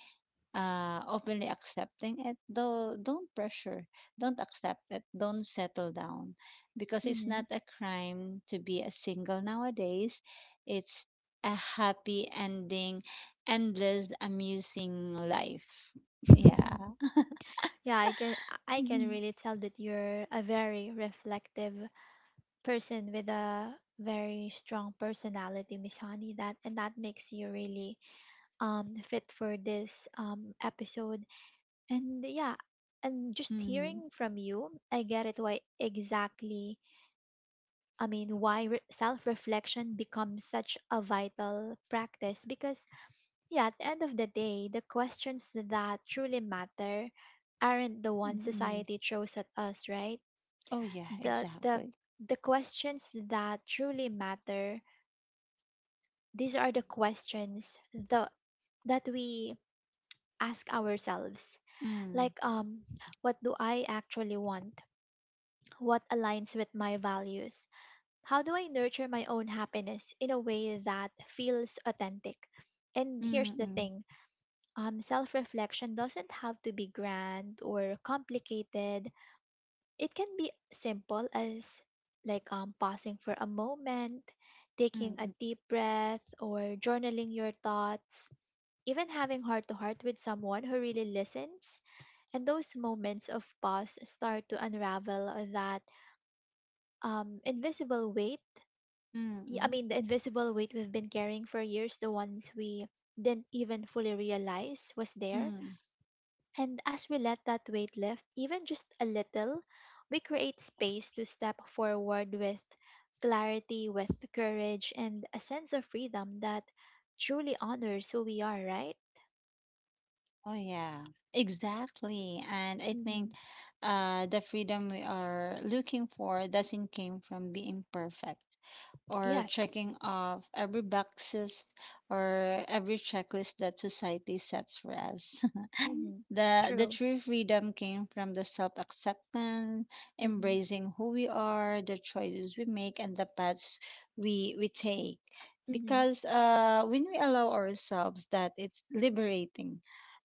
openly accepting it, though, don't pressure, don't accept it, don't settle down, because it's Mm-hmm. not a crime to be a single nowadays. It's a happy ending, endless amusing life. Yeah. Yeah, I can Mm-hmm. really tell that you're a very reflective person with a very strong personality, Miss Honey. That, and that makes you really fit for this episode. And yeah, and just Mm-hmm. hearing from you, I get it why exactly. I mean, why self reflection becomes such a vital practice, because yeah, at the end of the day, the questions that truly matter aren't the ones Mm-hmm. society throws at us, right? Oh yeah, The the exactly. the questions that truly matter, these are the questions the that we ask ourselves. Mm-hmm. Like, what do I actually want? What aligns with my values? How do I nurture my own happiness in a way that feels authentic? And here's the Mm-hmm. thing, self reflection doesn't have to be grand or complicated. It can be simple as like pausing for a moment, taking a Mm-hmm. deep breath, or journaling your thoughts, even having heart to heart with someone who really listens, and those moments of pause start to unravel that invisible weight, I Mm-hmm. mean the invisible weight we've been carrying for years, the ones we didn't even fully realize was there. Mm-hmm. And as we let that weight lift, even just a little, we create space to step forward with clarity, with courage, and a sense of freedom that truly honors who we are, right? Oh yeah, exactly. And I think Hmm. The freedom we are looking for doesn't came from being perfect, or Yes. checking off every boxes, or every checklist that society sets for us. Hmm. The True. true freedom came from the self acceptance, Hmm. embracing who we are, the choices we make, and the paths we take. Hmm. Because when we allow ourselves that, it's liberating.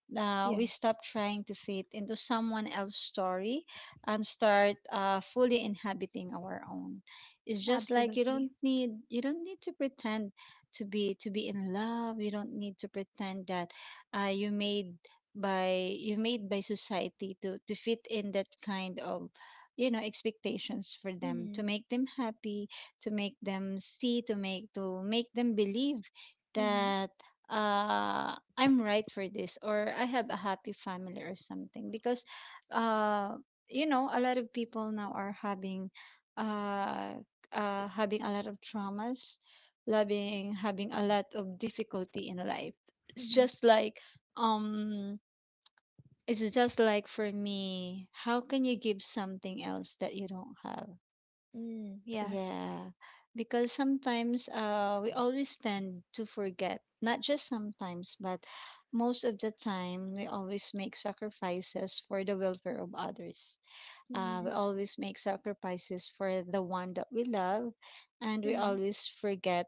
Now we stop Yes. trying to fit into someone else's story, and start fully inhabiting our own. It's just like, Absolutely. You don't need to pretend to be in love. You don't need to pretend that you made by, you made by society to fit in that kind of, you know, expectations, for them to Hmm. make them happy, to make them see, to make, to make them believe Hmm. that I'm right for this, or I have a happy family, or something, because uh you know, a lot of people now are having uh having a lot of traumas, loving, having a lot of difficulty in life. It's Hmm. just like, um it's just like, for me, how can you give something else that you don't have? Mm, yes. Yeah, because sometimes we always tend to forget, not just sometimes, but most of the time, we always make sacrifices for the welfare of others. Hmm. We always make sacrifices for the one that we love, and we Hmm. always forget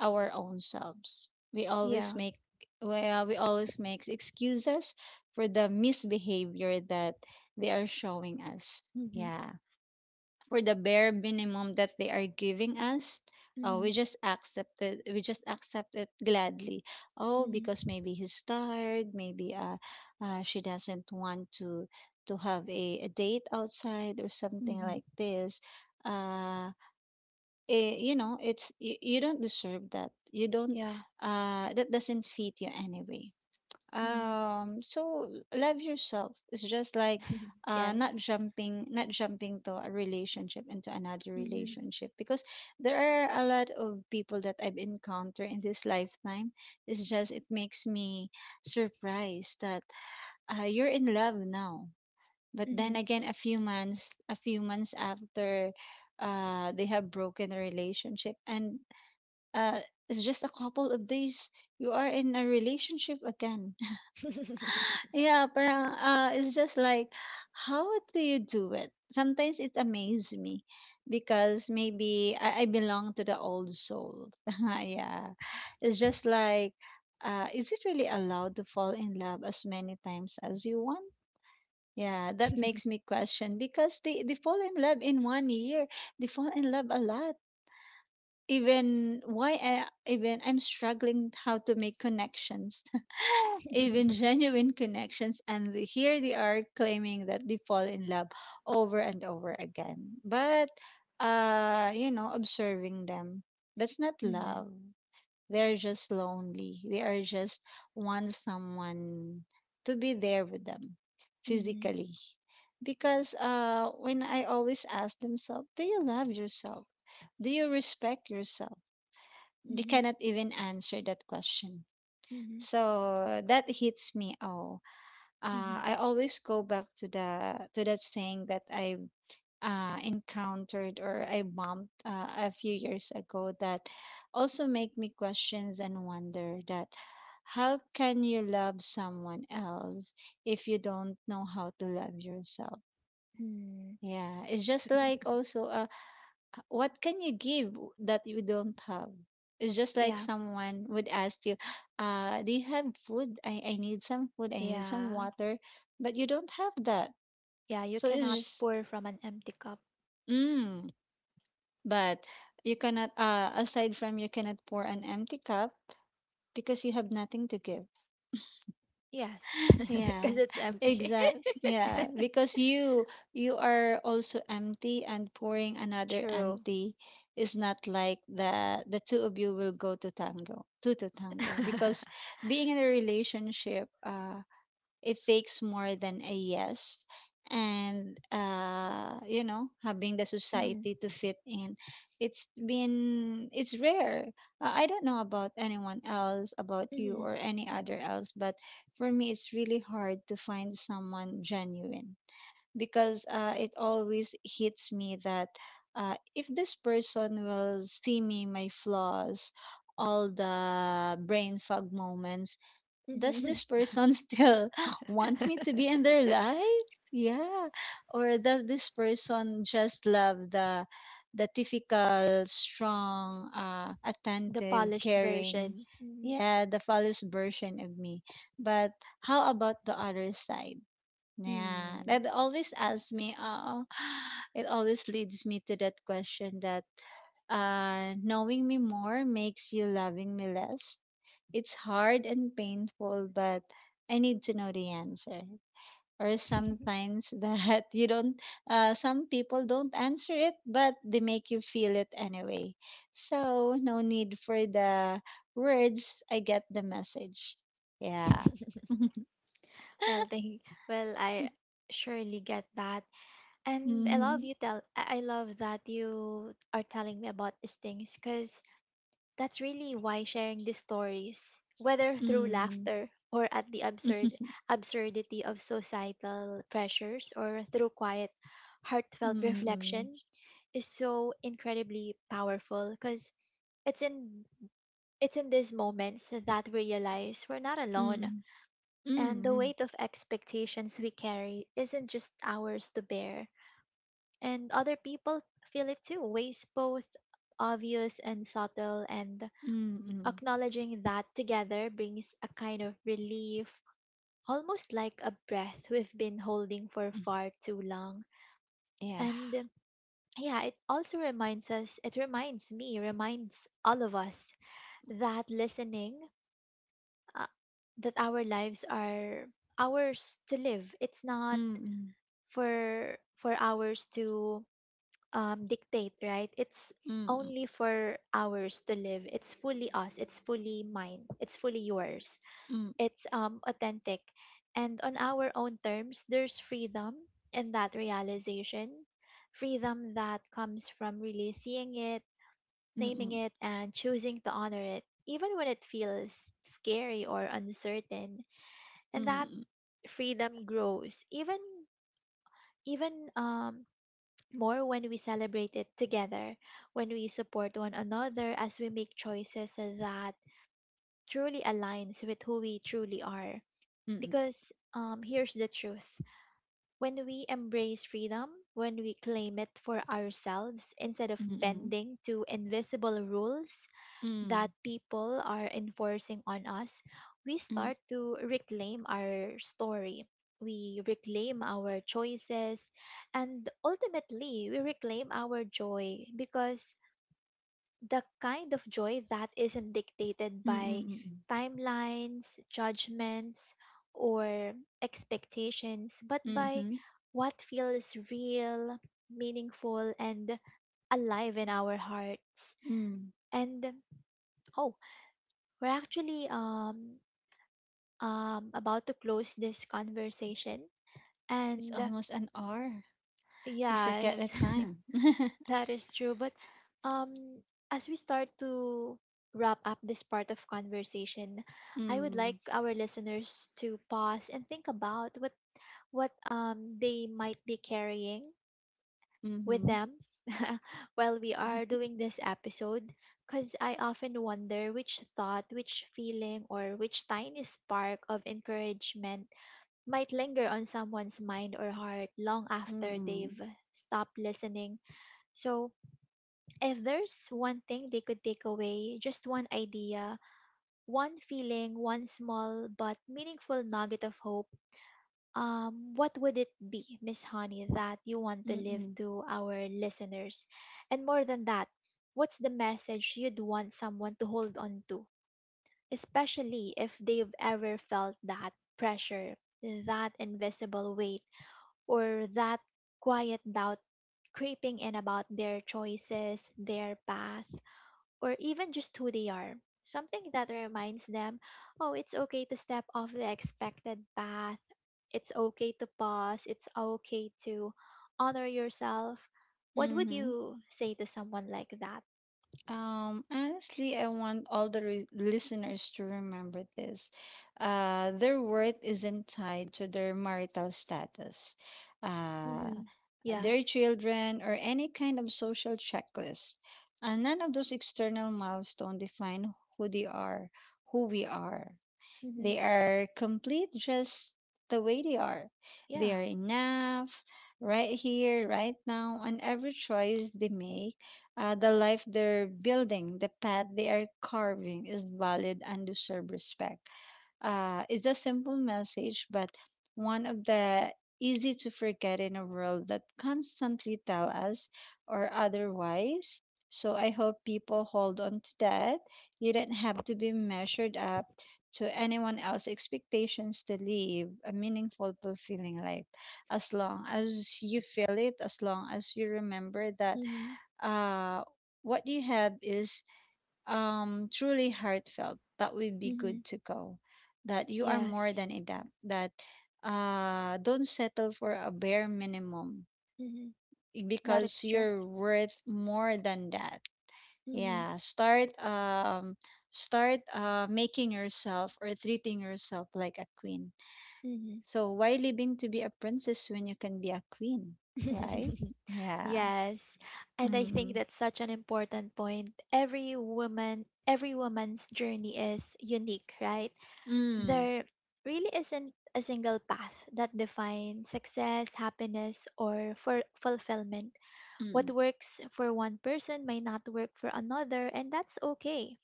our own selves. We Yeah. always make Well, we always make excuses for the misbehavior that they are showing us. Hmm. Yeah, for the bare minimum that they are giving us, Hmm. we just accept it. We just accept it gladly. Oh, because Hmm. maybe he's tired. Maybe she doesn't want to have a date outside or something Hmm. like this. Uh, you know, you don't deserve that. You don't. Yeah. That doesn't fit you anyway. Hmm. So love yourself. It's just like not Yes. jumping, not jumping to a relationship into another Hmm. Hmm. relationship, because there are a lot of people that I've encountered in this lifetime. It's just, it makes me surprised that you're in love now. But then Hmm. again, a few months after, they have broken a relationship, and uh it's just a couple of days, you are in a relationship again. Yeah, parang, it's just like, how do you do it? Sometimes it amazes me, because maybe I belong to the old soul. Yeah, it's just like, is it really allowed to fall in love as many times as you want? Yeah, that makes me question, because they fall in love in one year. They fall in love a lot, even I'm struggling how to make connections, even genuine connections, and here they are claiming that they fall in love over and over again. Observing them, that's not Hmm. love. They're just lonely. They are just want someone to be there with them Hmm. physically. Because when I always ask themselves, do you love yourself? Do you respect yourself? They cannot even answer that question. Hmm. So that hits me. Oh, Hmm. I always go back to the to that saying that I encountered or I bumped a few years ago, that also make me questions and wonder that how can you love someone else if you don't know how to love yourself? Yeah, it's just like Mm. also a, what can you give that you don't have? It's just like Yeah. someone would ask you, do you have food? I need some food, I need some Yeah. water, but you don't have that. Yeah. You So it's cannot just pour from an empty cup. mm. But you cannot aside from you cannot pour an empty cup because you have nothing to give. Yes. Yeah, Because it's empty. exactly, yeah, because you are also empty, and pouring another True. empty is not like the two of you will go to tango, two to tango, because being in a relationship, it takes more than a yes and, having the Hmm. society to fit in. It's rare. I don't know about anyone else, about you Hmm. or any other else, but for me it's really hard to find someone genuine, because it always hits me that, if this person will see me, my flaws, all the brain fog moments, does Hmm. this person still want me to be in their life? Yeah. Or does this person just love the typical strong, The attentive, polished caring, version. Mhm. yeah, the false version of me. But how about the other side? Yeah, Mm. that always asks me. It always leads me to that question that, knowing me more makes you loving me less. It's hard and painful, but I need to know the answer. Or sometimes, that you don't, some people don't answer it, but they make you feel it anyway. So, no need for the words. I get the message. Yeah. Well, thank. Well, I surely get that, and I love Mm, you tell. I love that you are telling me about these things, because that's really why sharing these stories, whether through mm, laughter or at the mm, absurdity of societal pressures or through quiet, heartfelt mm, reflection, is so incredibly powerful. Because it's in it's in these moments that we realize we're not alone, and the mm, weight of expectations we carry isn't just ours to bear, and other people feel it too, ways both obvious and subtle, and mm, acknowledging that together brings a kind of relief, almost like a breath we've been holding for mm, far too long. yeah. And yeah, it also reminds us, it reminds me, reminds all of us that listening, uh, that our lives are ours to live. It's not Mm, for ours to dictate, right? It's mm, mm, only for ours to live. It's fully us. It's fully mine. It's fully yours. mm, It's authentic, and on our own terms. There's freedom in that realization, freedom that comes from really seeing it, mm, naming mm, it, and choosing to honor it. Even when it feels scary or uncertain, mm, and that mm, freedom grows even more when we celebrate it together, when we support one another as we make choices that truly aligns with who we truly are, mm, mm, because here's the truth: when we embrace freedom, when we claim it for ourselves instead of mm, mm, bending to invisible rules mm. that people are enforcing on us, we Mm. start to reclaim our story. We reclaim our choices, and ultimately we reclaim our joy, because the kind of joy that isn't dictated Mm, mm, by mm, mm. timelines, judgments, or expectations, but by Mhm. what feels real, meaningful, and alive in our hearts. Mm. And oh, we're actually about to close this conversation. It's And almost an hour. We forget the Yes, time. that is true. But um as we start to wrap up this part of conversation, I would like Mm. our listeners to pause and think about what they might be carrying with Mhm. them while we are doing this episode, because I often wonder which thought, which feeling, or which tiny spark of encouragement might linger on someone's mind or heart long after Mm-mm. they've stopped listening. So, if there's one thing they could take away, just one idea, one feeling, one small but meaningful nugget of hope, what would it be, Miss Honey, that you want to leave Mm-mm. to our listeners? And more than that, what's the message you'd want someone to hold on to, especially if they've ever felt that pressure, that invisible weight, or that quiet doubt creeping in about their choices, their path, or even just who they are? Something that reminds them, oh, it's okay to step off the expected path. It's okay to pause. It's okay to honor yourself. What would Mhm. you say to someone like that? Honestly, I want all the re- listeners to remember this. Their worth isn't tied to their marital status, uh, Mm-hmm. their Yes. children, or any kind of social checklist. And none of those external milestones define who they are, who we are. Mm-hmm. They are complete just the way they are. Yeah. They are enough, right here, right now, and every choice they make, the life they're building, the path they are carving is valid and deserve respect. It's a simple message, but one of the easy to forget in a world that constantly tell us or otherwise. So I hope people hold on to that. You don't have to be measured up to anyone else's expectations to live a meaningful, fulfilling life. As long as you feel it, as long as you remember that, Mm-hmm. uh, what you have is truly heartfelt, that would be Mm-hmm. good to go, that you are more Yes. than enough, that don't settle for a bare minimum, Mm-hmm. eh, That because is true. you're worth more than that. Mm-hmm. Yeah, start making yourself or treating yourself like a queen. Mm-hmm. So why living to be a princess when you can be a queen? Right. Yeah. Yes. And I think Mm, that's such an important point. Every woman, every woman's journey is unique, right? mm, There really isn't a single path that defines success, happiness, or for fulfillment. What mm, works for one person may not work for another, and that's okay.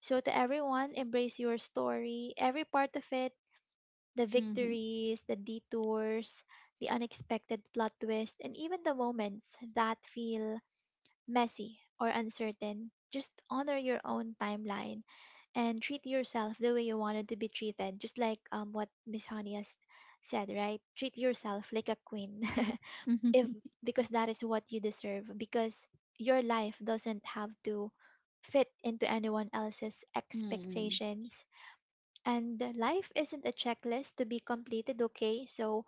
So to everyone, embrace your story, every part of it, the mm. victories, the detours, the unexpected plot twists, and even the moments that feel messy or uncertain. Just honor your own timeline and treat yourself the way you wanted to be treated, just like, what Miss Honey has said, right? Treat yourself like a queen. Hmm. if Because that is what you deserve, because your life doesn't have to fit into anyone else's Mm. expectations, and life isn't a checklist to be completed, okay? So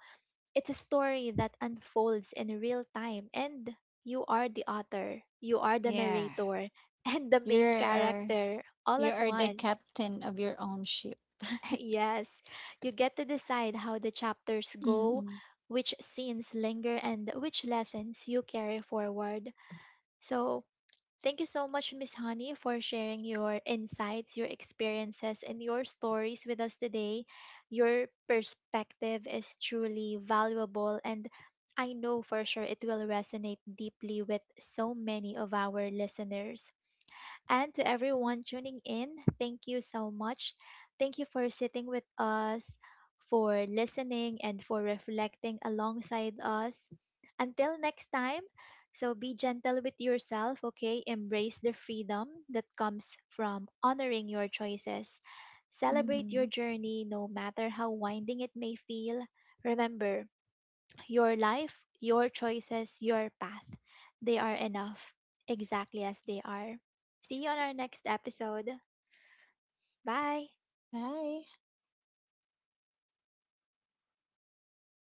it's a story that unfolds in real time, and you are the author, you are the Yeah. narrator, and the You main are character all you at are the once. captain of your own ship. Yes, you get to decide how the chapters go, Mm-mm. which scenes linger, and which lessons you carry forward. So thank you so much, Miss Honey, for sharing your insights, your experiences, and your stories with us today. Your perspective is truly valuable, and I know for sure it will resonate deeply with so many of our listeners. And to everyone tuning in, thank you so much. Thank you for sitting with us, for listening, and for reflecting alongside us. Until next time, so be gentle with yourself, okay? Embrace the freedom that comes from honoring your choices. Celebrate Mm-hmm. your journey, no matter how winding it may feel. Remember, your life, your choices, your path, they are enough exactly as they are. See you on our next episode. Bye. Bye.